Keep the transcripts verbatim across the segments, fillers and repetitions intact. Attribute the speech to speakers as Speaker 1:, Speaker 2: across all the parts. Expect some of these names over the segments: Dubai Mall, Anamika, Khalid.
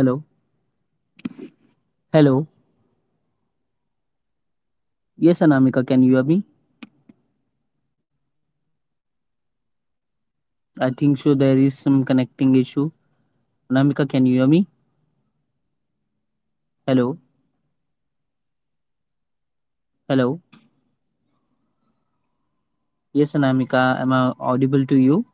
Speaker 1: Hello. Hello. Yes, Anamika, can you hear me? I think so there is some connecting issue. Anamika, can you hear me? Hello. Hello. Yes, Anamika, am I audible to you?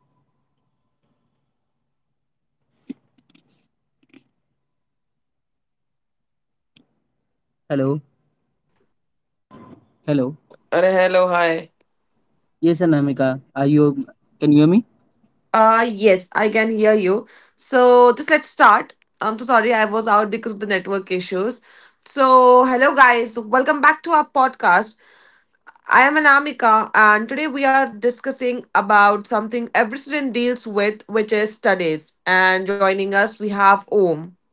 Speaker 1: Hello. Hello.
Speaker 2: Oh, अरे hello, hi.
Speaker 1: Yes, Anamika, are you can you hear me?
Speaker 2: Uh, yes, I can hear you. So just let's start. I'm so sorry I was out because of the network issues. So hello guys, welcome back to our podcast. I am Anamika, and today we are discussing about something every student deals with, which is studies. And joining us we have Om.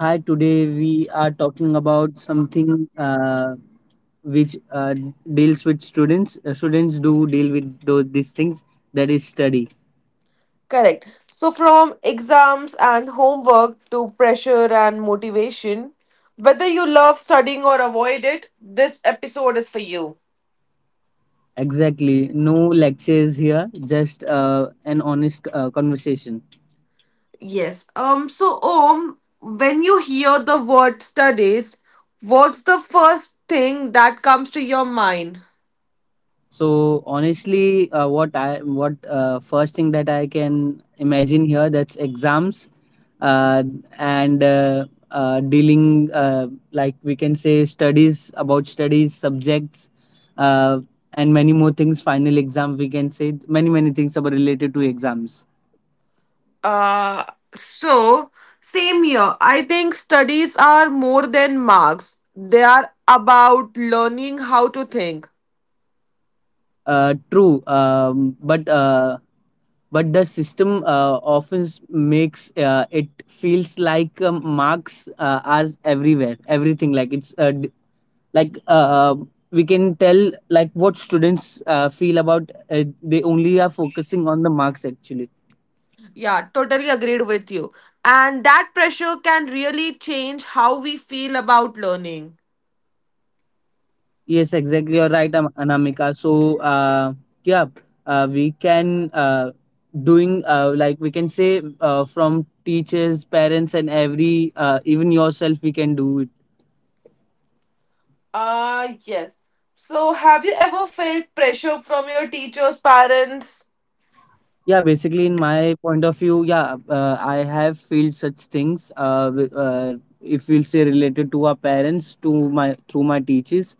Speaker 1: Hi, today we are talking about something uh, which uh, deals with students. Uh, students do deal with those these things, that is study.
Speaker 2: Correct. So from exams and homework to pressure and motivation, whether you love studying or avoid it, this episode is for you.
Speaker 1: Exactly. No lectures here, just uh, an honest uh, conversation.
Speaker 2: Yes. Um. So, Om, when you hear the word studies, what's the first thing that comes to your mind?
Speaker 1: So honestly, uh, what I what uh, first thing that I can imagine here, that's exams uh, and uh, uh, dealing uh, like we can say studies, about studies, subjects, uh, and many more things. Final exam, we can say many many things about, related to exams.
Speaker 2: Uh. So, same here. I think studies are more than marks. They are about learning how to think.
Speaker 1: Uh, true, um, but uh, but the system uh, often s- makes uh, it feels like, um, marks uh, are everywhere. Everything like it's uh, like uh, we can tell like what students uh, feel about, uh, they only are focusing on the marks, actually.
Speaker 2: Yeah, totally agreed with you. And that pressure can really change how we feel about learning.
Speaker 1: Yes exactly you're right Am- anamika so uh, yeah, uh, we can uh, doing uh, like we can say, uh, from teachers, parents, and every uh, even yourself, we can do it.
Speaker 2: Ah, yes. So, have you ever felt pressure from your teachers, parents?
Speaker 1: Yeah, basically, in my point of view, yeah, uh, I have felt such things. Uh, wi- uh, if we'll say, related to our parents, to my through my teachers,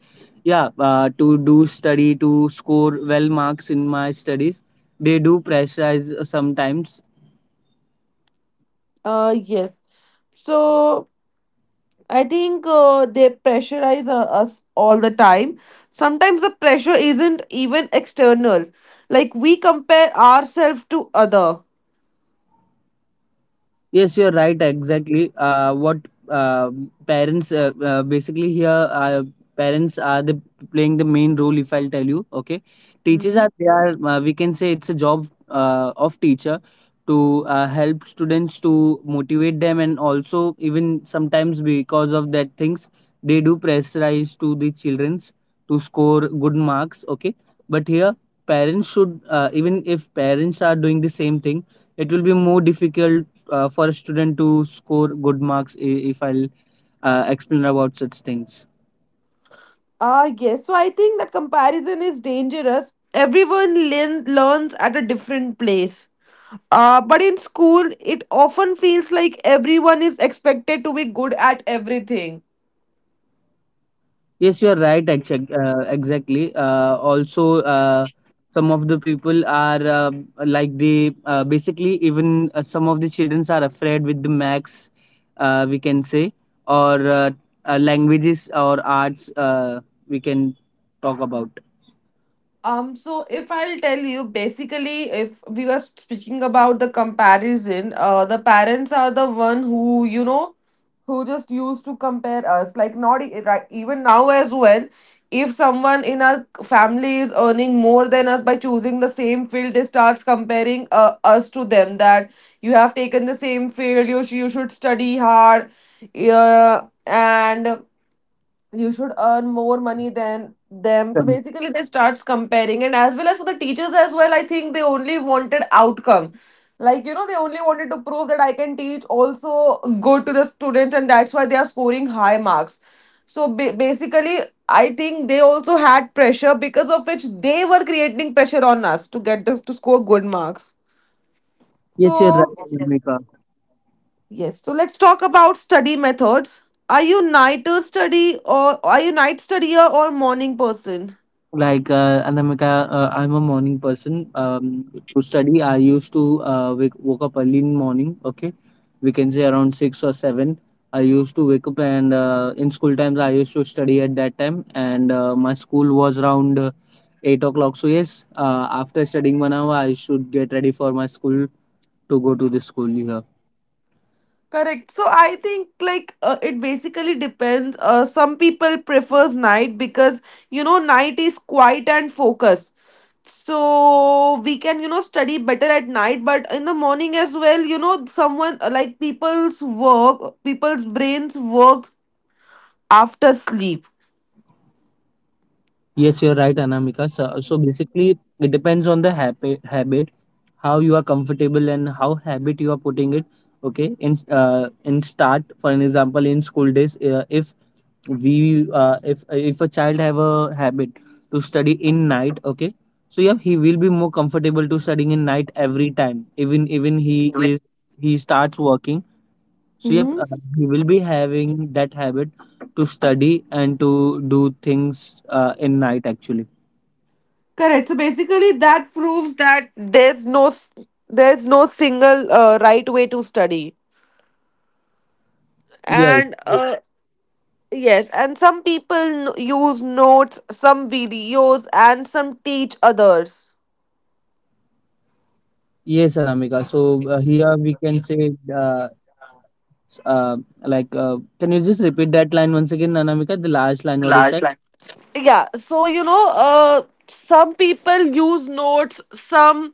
Speaker 1: yeah, uh, to do study, to score well marks in my studies, they do pressurize uh, sometimes.
Speaker 2: Uh, yes. So I think uh, they pressurize uh, us all the time. Sometimes the pressure isn't even external. Like we compare ourselves to other.
Speaker 1: Yes, you're right. Exactly. Uh, what uh, parents uh, uh, basically here, uh, parents are the playing the main role. If I'll tell you, okay, teachers
Speaker 2: Hmm.
Speaker 1: are, they are, uh, we can say it's a job uh, of teacher to uh, help students to motivate them, and also even sometimes because of that things they do pressurize to the childrens to score good marks. Okay, but here parents should, uh, even if parents are doing the same thing, it will be more difficult uh, for a student to score good marks. I- if i'll uh, explain about such things.
Speaker 2: Ah, yes. So I think that comparison is dangerous. Everyone learn, learns at a different place. Uh, but in school, it often feels like everyone is expected to be good at everything.
Speaker 1: Yes you're right exac- uh, exactly uh, also uh, some of the people are, uh, like they, uh, basically, even uh, some of the children are afraid with the max, uh, we can say, or uh, uh, languages or arts, uh, we can talk about.
Speaker 2: Um, so if I'll tell you, basically, if we were speaking about the comparison, uh, the parents are the one who, you know, who just used to compare us. Like not e- right, even now as well. If someone in our family is earning more than us by choosing the same field, they starts comparing uh, us to them. That you have taken the same field, you sh- you should study hard, yeah, and you should earn more money than them. So
Speaker 1: Correct.
Speaker 2: basically, they starts comparing, and as well as for the teachers as well, I think they only wanted outcome. Like you know, they only wanted to prove that I can teach also good to the students, and that's why they are scoring high marks. So ba- basically, I think they also had pressure because of which they were creating pressure on us to get us to score good marks.
Speaker 1: Yes, you're right,
Speaker 2: So
Speaker 1: Anamika.
Speaker 2: yes. So let's talk about study methods. Are you night study or are you night studier or morning person?
Speaker 1: Like, uh, and I'm, like, uh, uh, I'm a morning person. Um, to study, I used to uh, wake, woke up early in morning. Okay, we can say around six or seven. I used to wake up, and uh, in school times, I used to study at that time. And uh, my school was around uh, eight o'clock. So yes, uh, after studying one hour, I should get ready for my school to go to the school here.
Speaker 2: Correct. So I think like uh, it basically depends. Uh, some people prefers night because you know night is quiet and focused. So we can you know study better at night, but in the morning as well. You know someone uh, like people's work, people's brains works after sleep.
Speaker 1: Yes, you're right, Anamika. So, so basically, it depends on the habit, habit, how you are comfortable and how habit you are putting it. Okay, in uh, in start, for an example, in school days, uh, if we uh, if if a child have a habit to study in night, okay, so yeah, he will be more comfortable to studying in night every time. Even even he is he starts working, so yep,
Speaker 2: Mhm.
Speaker 1: uh, he will be having that habit to study and to do things uh, in night, actually.
Speaker 2: Correct. So basically, that proves that there's no s- there's no single uh, right way to study.
Speaker 1: Yes,
Speaker 2: And uh, yes, and some people n- use notes, some videos, and some teach others.
Speaker 1: yes, Anamika. So uh, here we can say, uh, s- uh, like, uh, can you just repeat that line once again, Anamika? The last line, what you
Speaker 2: Large,
Speaker 1: said?
Speaker 2: yeah, so you know uh some people use notes, some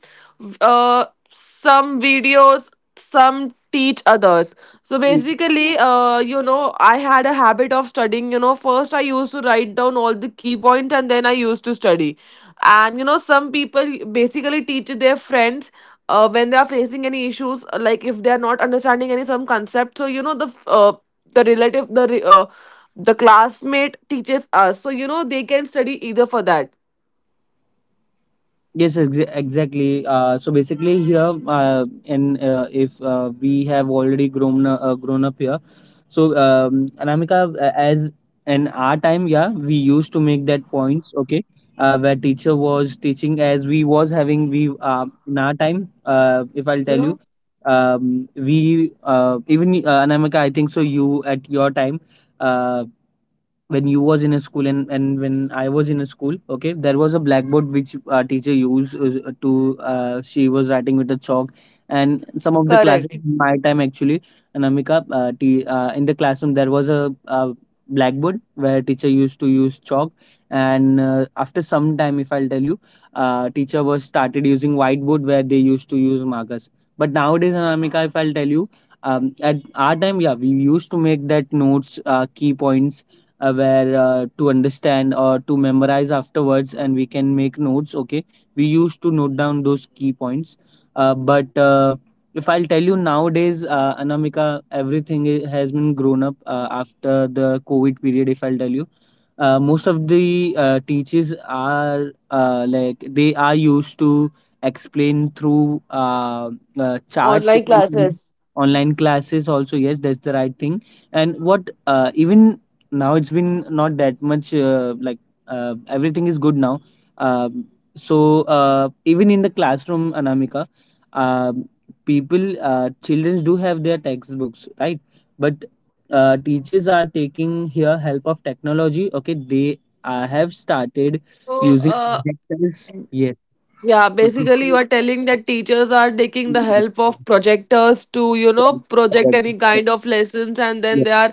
Speaker 2: uh some videos, some teach others. So basically uh you know, I had a habit of studying. You know, first I used to write down all the key points and then I used to study. And you know some people basically teach their friends uh, when they are facing any issues, like if they are not understanding any some concept. So you know the uh, the relative the re- uh, the classmate teaches us, so you know they can study either for that.
Speaker 1: Yes, ex exactly. Uh, so basically, here uh, in uh, if uh, we have already grown uh, grown up here, so um, Anamika, uh, as in our time, yeah, we used to make that points. Okay, uh, where teacher was teaching as we was having we uh, in our time. Uh, if I'll
Speaker 2: You
Speaker 1: tell you,
Speaker 2: know,
Speaker 1: um, we uh, even uh, Anamika, I think so. You at your time. Uh, when you was in a school and, and when I was in a school, okay, there was a blackboard which our teacher used uh, to, uh, she was writing with a chalk. And some of the classes,
Speaker 2: correct.
Speaker 1: in my time actually, Anamika, uh, t- uh, in the classroom, there was a, uh, blackboard where teacher used to use chalk. And uh, after some time, if I'll tell you, uh, teacher was started using whiteboard where they used to use markers. But nowadays, Anamika, if I'll tell you, um, at our time, yeah, we used to make that notes, uh, key points, uh, where uh, to understand or to memorize afterwards, and we can make notes. Okay, we used to note down those key points, uh, but uh, if I'll tell you, nowadays, uh, Anamika, everything i- has been grown up uh, after the COVID period. If I'll tell you, uh, most of the uh, teachers are, uh, like, they are used to explain through uh, uh, charts if
Speaker 2: Online
Speaker 1: you—
Speaker 2: classes.
Speaker 1: online classes, also, yes, that's the right thing. And what, uh, even now it's been not that much, uh, like uh, everything is good now. um, so uh, even in the classroom, Anamika, um people, uh, children do have their textbooks, right, but uh, teachers are taking here help of technology. Okay, they uh, have started
Speaker 2: so
Speaker 1: using
Speaker 2: uh,
Speaker 1: projectors, yes,
Speaker 2: yeah, basically you are telling that teachers are taking the help of projectors to you know project any kind of lessons, and then they are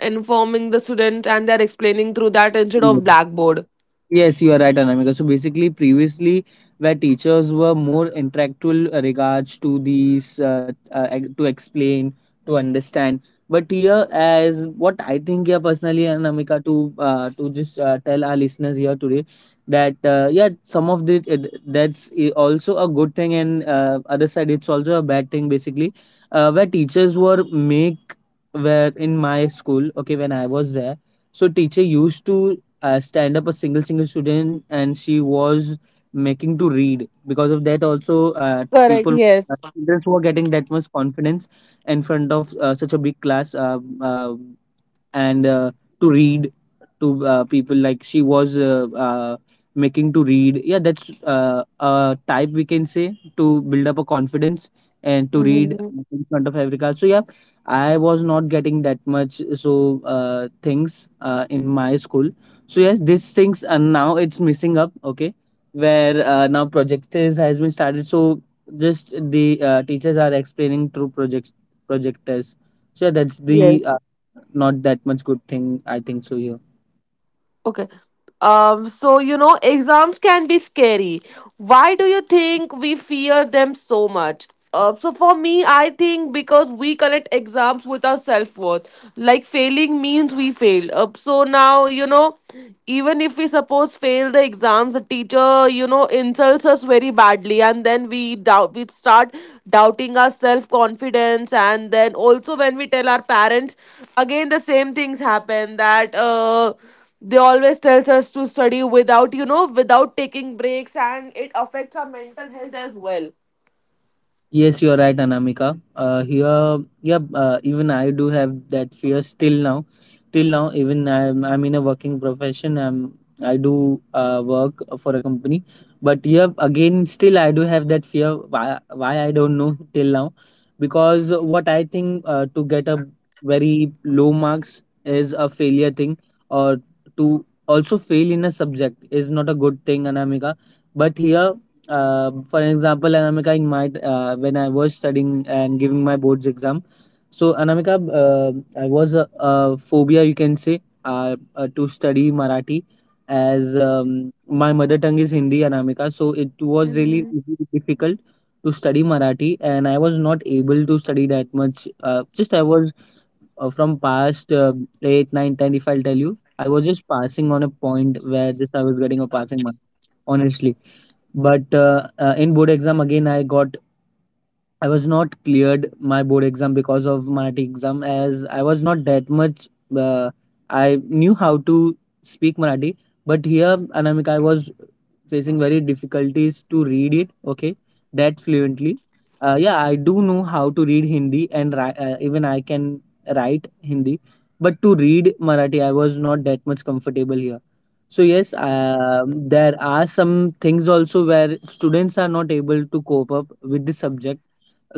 Speaker 2: informing the students and they are explaining through that instead of
Speaker 1: projectors.
Speaker 2: blackboard.
Speaker 1: Yes, you are right, Anamika. So basically, previously, where teachers were more interactual uh, regards to these uh, uh, ex- to explain, to understand. But here, as what I think here personally, Anamika, to uh, to just uh, tell our listeners here today that uh, yeah, some of the, uh, that's i- also a good thing, and uh, other side it's also a bad thing. Basically, uh, where teachers were make, where in my school, okay, when I was there, so teacher used to uh, stand up a single single student and she was making to read, because of that also uh,
Speaker 2: Correct.
Speaker 1: people, uh,
Speaker 2: Yes.
Speaker 1: students, were getting that much confidence in front of uh, such a big class, uh, uh, and uh, to read, to uh, people, like she was, uh, uh, making to read. Yeah, that's uh, a type we can say, to build up a confidence and to read
Speaker 2: Mhm.
Speaker 1: in front of every class. So yeah, I was not getting that much, so uh, things uh, in my school. So yes, these things, and now it's missing up. Okay, where uh, now projectors has been started, so just the uh, teachers are explaining through project projectors. So yeah, that's
Speaker 2: Yes.
Speaker 1: the uh, not that much good thing, I think so here.
Speaker 2: Okay. Um, so you know, exams can be scary. Why do you think we fear them so much? Uh, so for me, I think because we connect exams with our self worth. Like failing means we failed. Uh, so now you know, even if we suppose fail the exams, the teacher you know insults us very badly, and then we doubt. We start doubting our self confidence, and then also when we tell our parents, again the same things happen, that uh they always tells us to study without you know without taking breaks, and it affects our mental health as well.
Speaker 1: Yes, you're right, Anamika. Uh, here, yeah, uh, even I do have that fear still now. Till now, even I'm I'm in a working profession. I'm I do uh, work for a company, but yeah, again, still I do have that fear. Why? Why I don't know till now, because what I think, uh, to get a very low marks is a failure thing, or to also fail in a subject is not a good thing, Anamika. But here, Um, for example, Anamika, in my uh, when I was studying and giving my boards exam, so Anamika, uh, I was a, a phobia, you can say, uh, uh, to study Marathi, as um, my mother tongue is Hindi, Anamika. So it was really really difficult to study Marathi, and I was not able to study that much. Uh, just I was, uh, from past, uh, eight, nine, ten. If I'll tell you, I was just passing on a point where just I was getting a passing mark, honestly, but uh, uh, in board exam, again, I got, I was not cleared my board exam because of Marathi exam, as I was not that much. Uh, I knew how to speak Marathi, but here, Anamika, I was facing very difficulties to read it. Okay, that fluently. Uh, yeah, I do know how to read Hindi and ri- uh, even I can write Hindi, but to read Marathi, I was not that much comfortable here. So yes, um there are some things also where students are not able to cope up with the subject.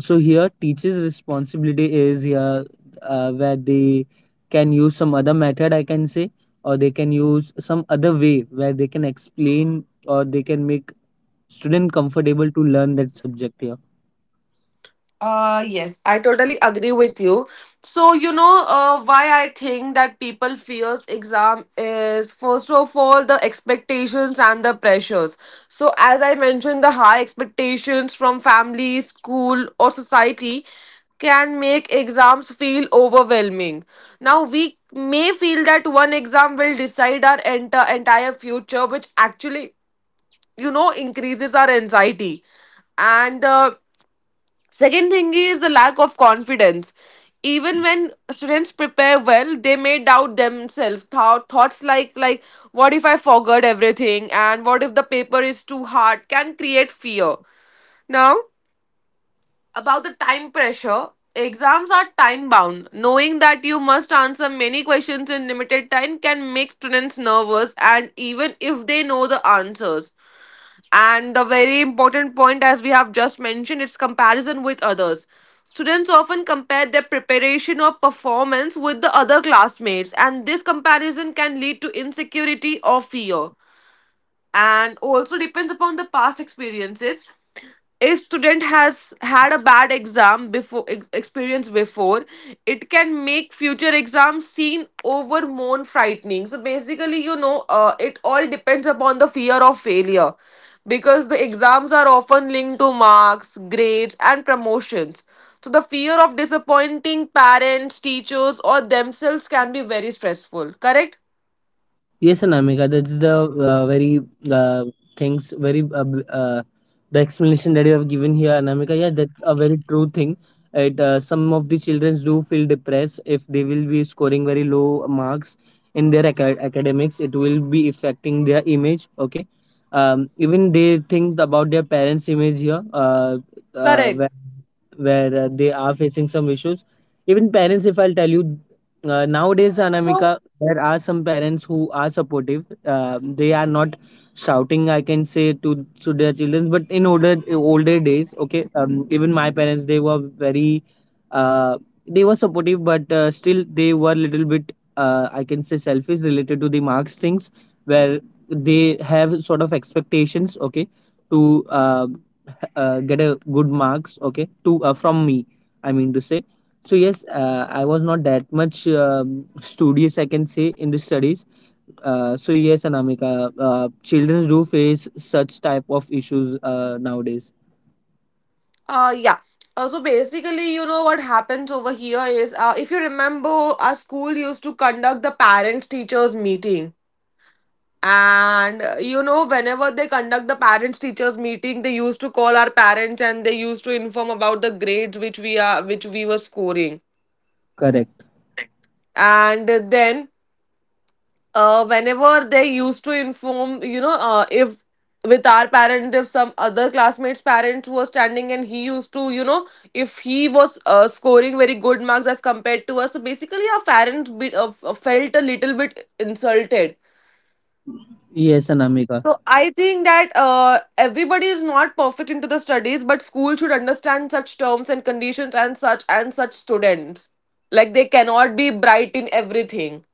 Speaker 1: So here teachers responsibility is here, uh, where they can use some other method, I can say, or they can use some other way where they can explain or they can make student comfortable to learn that subject here.
Speaker 2: Uh, yes, I totally agree with you. So, you know, uh, why I think that people fears exam is first of all the expectations and the pressures. So, as I mentioned, the high expectations from family, school, or society can make exams feel overwhelming. Now, we may feel that one exam will decide our ent- entire future, which actually, you know, increases our anxiety and. Uh, Second thing is the lack of confidence. Even when students prepare well, they may doubt themselves. Thou- Thoughts like like what if I forgot everything and what if the paper is too hard can create fear. Now, about the time pressure, exams are time bound. Knowing that you must answer many questions in limited time can make students nervous and even if they know the answers. And the very important point, as we have just mentioned, it's comparison with others. Students often compare their preparation or performance with the other classmates, and this comparison can lead to insecurity or fear, and also depends upon the past experiences. If student has had a bad exam before ex- experience before, it can make future exams seem over more frightening. So basically you know uh, it all depends upon the fear of failure, because the exams are often linked to marks, grades and promotions. So the fear of disappointing parents, teachers or themselves can be very stressful. Correct.
Speaker 1: Yes, Anamika, that's the uh, very uh, things, very uh, b- uh, the explanation that you have given here, Anamika. Yeah, that's a very true thing. It, uh, some of the children do feel depressed if they will be scoring very low marks in their aca- academics. It will be affecting their image. Okay, um, even they think about their parents' image here. Uh, uh,
Speaker 2: Correct.
Speaker 1: where where uh, they are facing some issues. Even parents, if I'll tell you, uh, nowadays,
Speaker 2: So
Speaker 1: Anamika, there are some parents who are supportive. Uh, they are not shouting, I can say, to to their children. But in older older days, okay, um, even my parents, they were very, uh, they were supportive, but uh, still they were little bit, uh, I can say, selfish related to the marks things, where they have sort of expectations, okay, to uh, h- uh, get a good marks, okay, to uh, from me. I mean to say. So yes, uh, I was not that much um, studious, I can say, in the studies. Uh, so yes, Anamika, uh, children do face such type of issues uh, nowadays.
Speaker 2: Uh, yeah. Uh, so basically, you know what happens over here is, uh, if you remember, our school used to conduct the parents teachers meeting, and uh, you know, whenever they conduct the parents teachers meeting, they used to call our parents and they used to inform about the grades which we are, which we were scoring,
Speaker 1: Correct.
Speaker 2: and then uh, whenever they used to inform, you know, uh, if with our parent, if some other classmate's parents were standing and he used to, you know, if he was uh, scoring very good marks as compared to us, so basically our parents bit uh, felt a little bit insulted.
Speaker 1: Yes, Anamika.
Speaker 2: So I think that uh, everybody is not perfect into the studies, but school should understand such terms and conditions and such and such students. Like they cannot be bright in everything.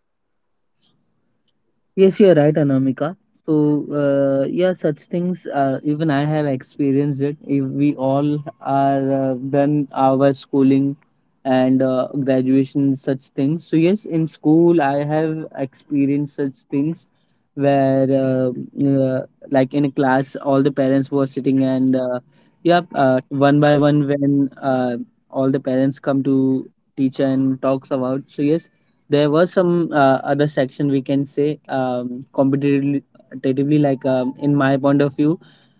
Speaker 1: Yes, you're right, Anamika. So, uh, yeah, such things, uh, even I have experienced it. If we all are uh, done our schooling and uh, graduation, such things. So, yes, in school, I have experienced such things where, uh, uh, like in a class, all the parents were sitting, and uh, yeah, uh, one by one, when uh, all the parents come to teacher and talks about. So, yes, there was some uh, other section, we can say, um, competitively, competitively like, um, in my point of view,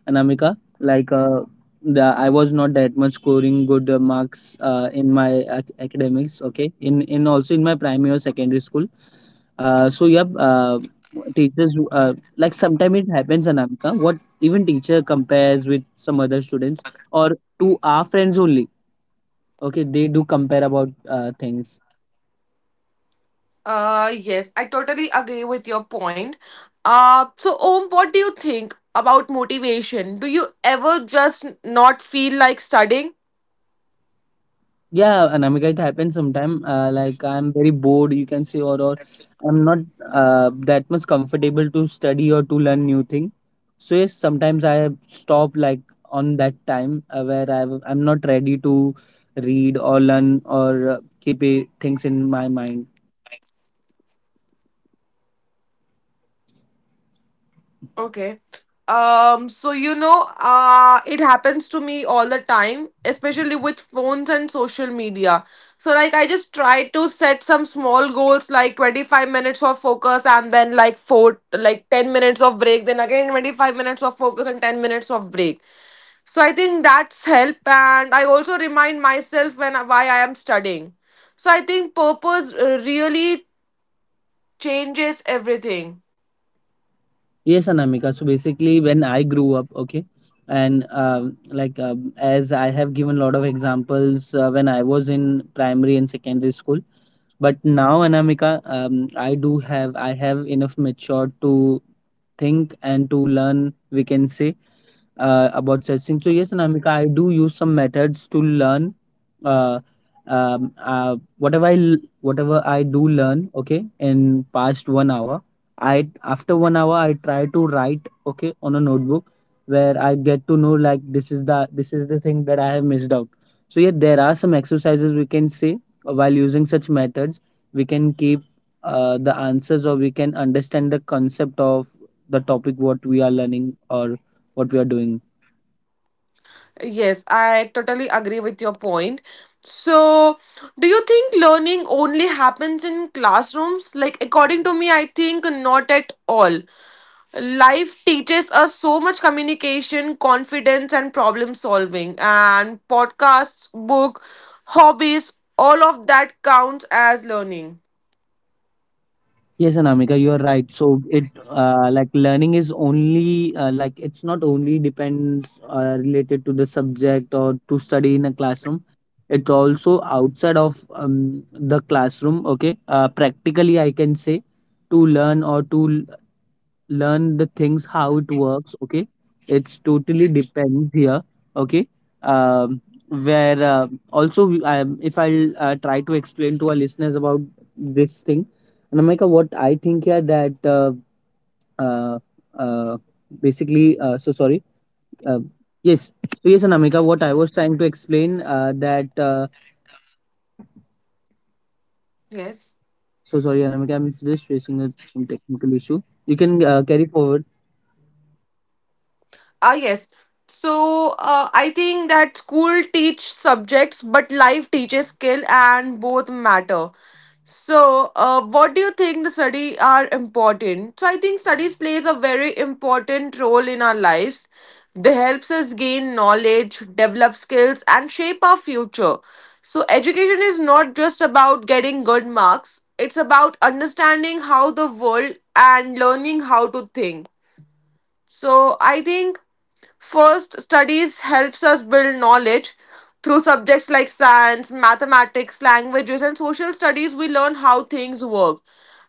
Speaker 1: Anamika, like, uh, the I was not that much scoring good uh, marks uh, in my ac- academics. Okay, in in also in my primary or secondary school. Uh, so yeah, uh, teachers, uh, like sometimes it happens, Anamika. What, even teacher compares with some other students or to our friends only. Okay, they do compare about uh, things.
Speaker 2: Uh, yes, I totally agree with your point. Uh, so, Om, what do you think about motivation? Do you ever just not feel like studying?
Speaker 1: Yeah, Anamika, it happens sometime. Uh, like I'm very bored, you can say, or or I'm not uh, that much comfortable to study or to learn new thing. So yes, sometimes I stop like on that time uh, where I I'm not ready to read or learn or uh, keep uh, things in my mind.
Speaker 2: Okay. Um, so you know, uh, it happens to me all the time, especially with phones and social media. So, like, I just try to set some small goals, like twenty-five minutes of focus, and then like four, like ten minutes of break, then again twenty-five minutes of focus and ten minutes of break. So I think that's help, and I also remind myself when why I am studying. So I think purpose uh, really changes everything.
Speaker 1: Yes, Anamika. So basically, when I grew up, okay, and um, like, um as I have given a lot of examples uh, when I was in primary and secondary school. But now, Anamika, um, I do have I have enough matured to think and to learn. We can say uh, about such. So yes, Anamika, I do use some methods to learn. Uh, um, uh, whatever I l- whatever I do learn, okay, in past one hour. I After one hour I try to write, okay, on a notebook where I get to know like, this is the this is the thing that I have missed out. So yeah, there are some exercises, we can say, uh, while using such methods. We can keep uh, the answers, or we can understand the concept of the topic, what we are learning or what we are doing.
Speaker 2: Yes, I totally agree with your point. So do you think learning only happens in classrooms? Like according to me, I think not at all. Life teaches us so much: communication, confidence and problem solving, and podcasts, book, hobbies, all of that counts as learning.
Speaker 1: Yes, Anamika, you are right. So it, uh, like learning is only, uh, like it's not only depends uh, related to the subject or to study in a classroom. It's also outside of, um, the classroom. Okay, uh, practically I can say to learn, or to learn the things how it works. Okay, it's totally depends here, okay, um, where, uh, also we- I, if i'll uh, try to explain to our listeners about this thing. Namika, what I think here that, uh, uh, uh, basically, uh, so sorry. uh, yes. So yes, Anamika, what I was trying to explain, uh, that, uh,
Speaker 2: Yes.
Speaker 1: so sorry, Anamika, I'm just facing a, some technical issue, you can uh, carry forward.
Speaker 2: Ah, yes. So uh, I think that school teach subjects, but life teaches skill, and both matter. So, uh, what do you think the study are important? So I think studies plays a very important role in our lives. They helps us gain knowledge, develop skills, and shape our future. So education is not just about getting good marks. It's about understanding how the world and learning how to think. So I think first studies helps us build knowledge through subjects like science, mathematics, languages and social studies. We learn how things work,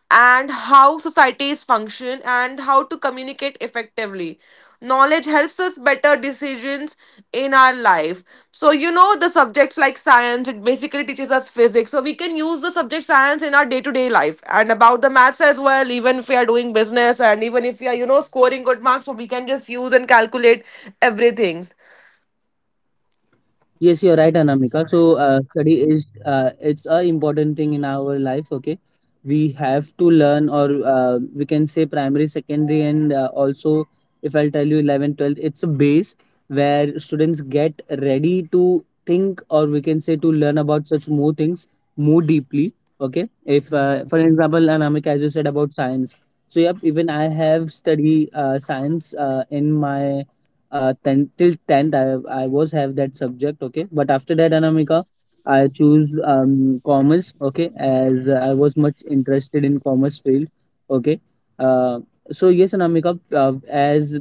Speaker 2: and how societies function, and how to communicate effectively. Knowledge helps helps us better decisions in our life. So you know the subjects like science, it basically teaches us physics, so we can use the subject science in our day-to-day life. And about the maths as well, even if we are doing business and even if we are you know scoring good marks, so we can just use and calculate everything.
Speaker 1: Yes, you're right, Anamika. So, uh, study is uh, it's a important thing in our life. Okay, we have to learn, or uh, we can say primary, secondary, and uh, also, if I'll tell you, eleven, twelve, it's a base where students get ready to think, or we can say to learn about such more things more deeply. Okay, if, uh, for example, Anamika, as you said about science. So, yep, even I have study uh, science uh, in my, uh, ten till tenth. I, I was have that subject, okay, but after that, Anamika, I choose um, commerce, okay, as I was much interested in commerce field, okay. uh, so yes, Anamika, uh, as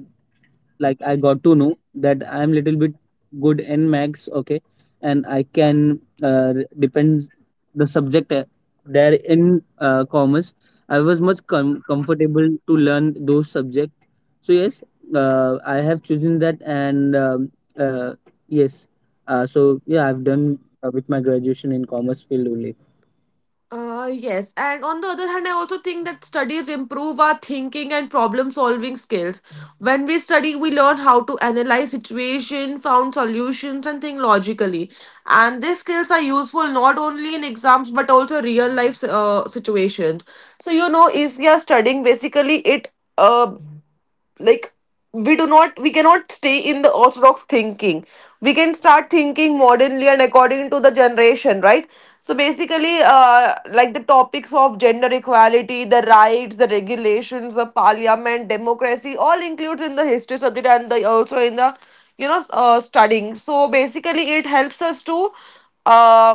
Speaker 1: like I got to know that I am little bit good in max, okay, and I can, uh, re- depends the subject, uh, there in uh, commerce. I was much com- comfortable to learn those subject. So yes, uh, I have chosen that, and um, uh, yes. Uh, so yeah, I've done uh, with my graduation in commerce field only.
Speaker 2: Uh, yes, and on the other hand, I also think that studies improve our thinking and problem solving skills. When we study, we learn how to analyze situation, found solutions, and think logically. And these skills are useful not only in exams but also real life uh, situations. So, you know, if we are studying, basically it uh like we do not we cannot stay in the orthodox thinking. We can start thinking modernly and according to the generation, right? So basically, uh, like the topics of gender equality, the rights, the regulations, the parliament, democracy, all includes in the history subject and the, also in the you know uh, studying. So basically it helps us to uh,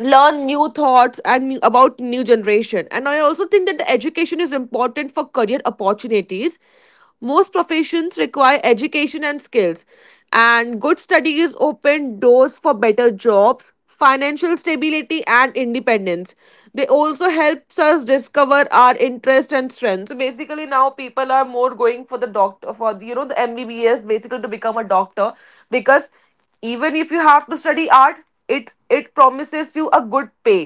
Speaker 2: learn new thoughts and new, about new generation. And I also think that the education is important for career opportunities. Most professions require education and skills, and good studies open doors for better jobs, financial stability and independence. They also helps us discover our interests and strengths. So basically now people are more going for the doctor, for the, you know, the M B B S, basically to become a doctor. Because even if you have to study art, it it promises you a good pay.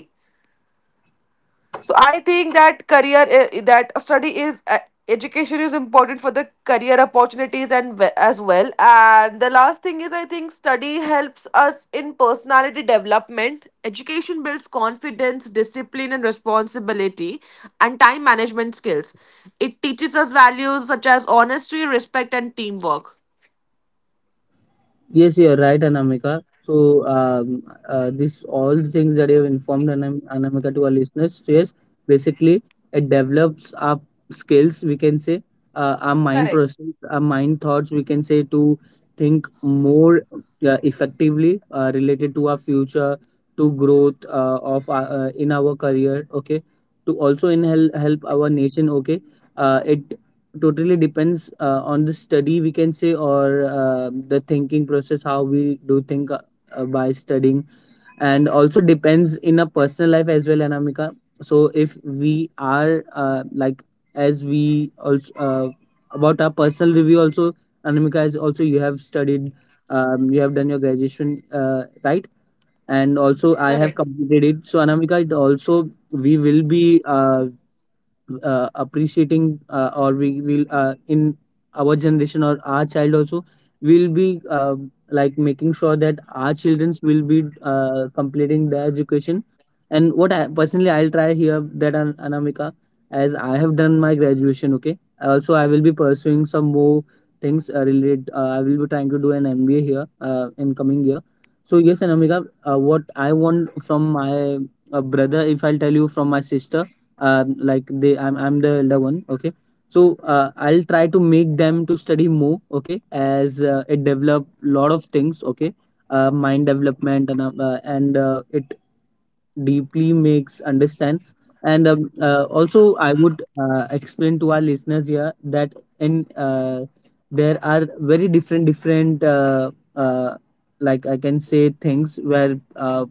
Speaker 2: So I think that career i- that study is uh, education is important for the career opportunities and we- as well. And the last thing is I think study helps us in personality development. Education builds confidence, discipline and responsibility, and time management skills. It teaches us values such as honesty, respect and teamwork.
Speaker 1: Yes, you're right, Anamika. So, um, uh, this all the things that you have informed Anam- Anamika to our listeners. So yes, basically, it develops our skills. We can say, uh, our mind
Speaker 2: Correct.
Speaker 1: process, our mind thoughts. We can say to think more uh, effectively uh, related to our future, to growth uh, of our, uh, in our career. Okay, to also in help help our nation. Okay, uh, it totally depends uh, on the study, we can say, or uh, the thinking process, how we do think, uh, uh, by studying. And also depends in a personal life as well, Anamika. So if we are, uh, like, as we also, uh, about our personal review also, Anamika, is also you have studied, um, you have done your graduation, uh, right, and also I have
Speaker 2: Correct.
Speaker 1: completed it. So Anamika, it also we will be, uh, uh, appreciating, uh, or we will, uh, in our generation, or our child also will be, uh, like, making sure that our childrens will be uh, completing their education. And what I personally I'll try here that, An- Anamika, as I have done my graduation, okay, also I will be pursuing some more things uh, related. uh, I will be trying to do an M B A here uh, in coming year. So yes, Anamika, uh, what I want from my, uh, brother, if I'll tell you, from my sister, um, like they, I'm, I'm the elder one, okay. So uh, I'll try to make them to study more, okay, as uh, it develop lot of things, okay. Uh, mind development and, uh, uh, and uh, it deeply makes understand. And um, uh, also I would uh, explain to our listeners here that, in, uh, there are very different different, uh, uh, like I can say, things where uh,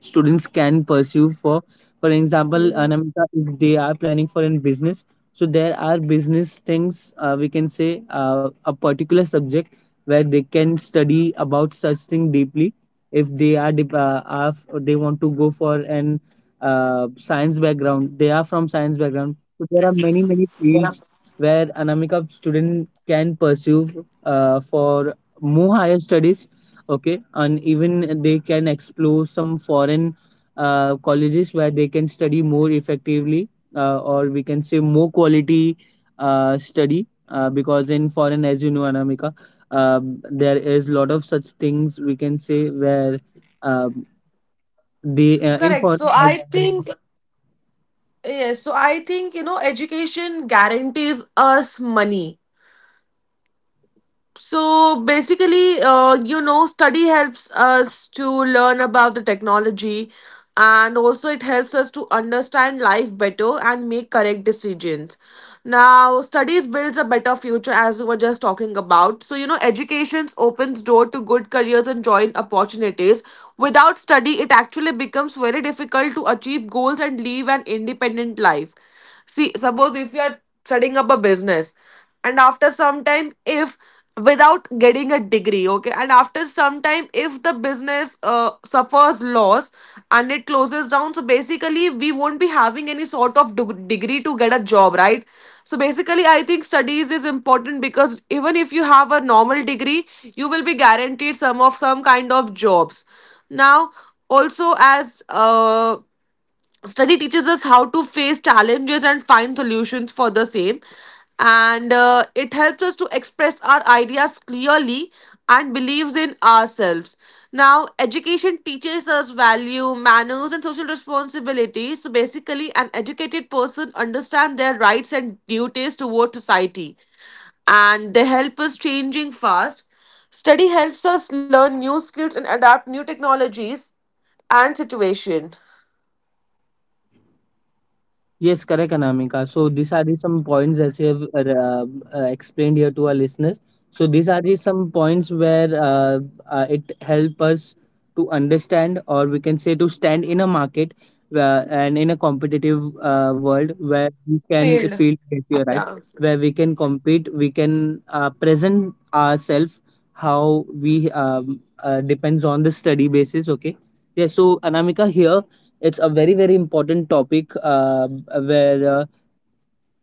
Speaker 1: students can pursue. For for example,
Speaker 2: Mhm.
Speaker 1: Anamita, if they are planning for in business. So there are business things, uh, we can say, uh, a particular subject where they can study about such thing deeply. If they are, dep- uh, are f- they want to go for an uh, science background, they are from science background, so there are many many fields where Anamika, student can pursue uh, for more higher studies. Okay, and even they can explore some foreign uh, colleges where they can study more effectively, uh, or we can say more quality uh, study, uh, because in foreign, as you know, Anamika, um there is lot of such things we can say where, um they, uh, in
Speaker 2: Correct. So
Speaker 1: foreign, like.
Speaker 2: I think. Yes, so I think, you know, education guarantees us money. So basically, uh, you know, study helps us to learn about the technology, and also it helps us to understand life better and make correct decisions. Now, studies builds a better future as we were just talking about. So, you know, education opens door to good careers and joint opportunities. Without study, it actually becomes very difficult to achieve goals and live an independent life. See, suppose if you are setting up a business and after some time if without getting a degree, okay, and after some time if the business uh, suffers loss and it closes down, so basically we won't be having any sort of deg- degree to get a job, right? So basically I think studies is important because even if you have a normal degree, you will be guaranteed some of some kind of jobs. Now, also as uh, study teaches us how to face challenges and find solutions for the same. And uh, it helps us to express our ideas clearly and believes in ourselves. Now education teaches us value, manners and social responsibility. So basically an educated person understand their rights and duties toward society, and they help us changing fast. Study helps us learn new skills and adapt new technologies and situation.
Speaker 1: Yes, correct, Anamika. So these are the some points as you have uh, uh, explained here to our listeners. So these are the some points where uh, uh, it help us to understand, or we can say, to stand in a market uh, and in a competitive uh, world where we
Speaker 2: Failed.
Speaker 1: can feel that you're
Speaker 2: Yeah,
Speaker 1: right. Where we can compete, we can uh, present ourselves, how we, um, uh, depends on the study basis. Okay. Yeah. So Anamika, here it's a very very important topic uh, where, uh,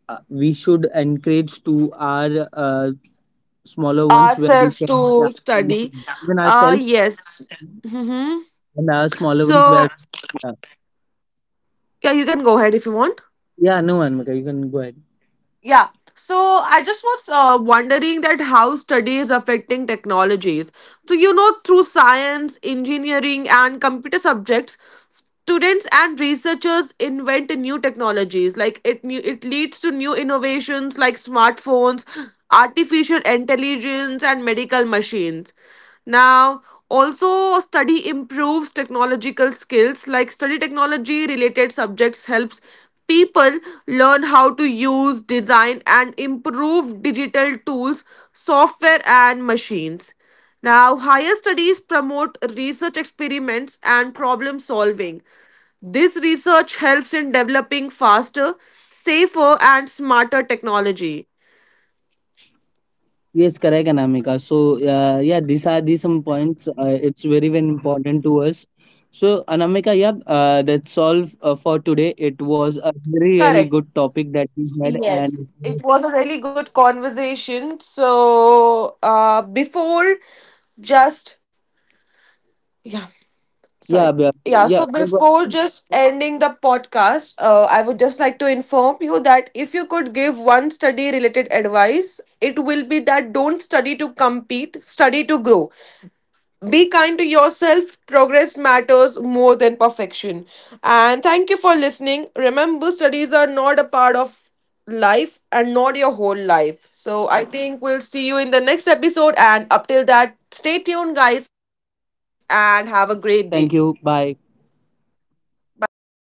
Speaker 1: uh, we should encourage to our uh, smaller ones where we
Speaker 2: ourselves
Speaker 1: can. Yeah,
Speaker 2: to study.
Speaker 1: even
Speaker 2: Uh,
Speaker 1: ourselves
Speaker 2: yes. Mm-hmm.
Speaker 1: and our smaller ones
Speaker 2: So
Speaker 1: where, uh,
Speaker 2: yeah, you can go ahead if you want.
Speaker 1: yeah, no, Anamika, you can go ahead.
Speaker 2: Yeah. So I just was uh, wondering that how study is affecting technologies. So you know, through science, engineering, and computer subjects, students and researchers invent new technologies. Like it, new, it leads to new innovations like smartphones, artificial intelligence, and medical machines. Now, also study improves technological skills. Like study technology related subjects helps people learn how to use, design, and improve digital tools, software, and machines. Now, higher studies promote research experiments and problem solving. This research helps in developing faster, safer, and smarter technology.
Speaker 1: Yes, correct, Anamika. So uh, yeah, these are these some points, uh, it's very very important to us. So Anamika, yeah, uh, that's all uh, for today. It was a very
Speaker 2: Correct.
Speaker 1: really good topic that we had, and
Speaker 2: Yes. It was a really good conversation. So, uh, before just, yeah,
Speaker 1: yeah,
Speaker 2: sorry.
Speaker 1: yeah,
Speaker 2: Yeah, so
Speaker 1: yeah,
Speaker 2: before just ending the podcast, uh, I would just like to inform you that if you could give one study related advice, it will be that don't study to compete, study to grow. Be kind to yourself, progress matters more than perfection. And thank you for listening. Remember, studies are not a part of life and not your whole life. So I think we'll see you in the next episode, and up till that, stay tuned guys and have a great
Speaker 1: thank
Speaker 2: day.
Speaker 1: you, bye.
Speaker 2: Bye,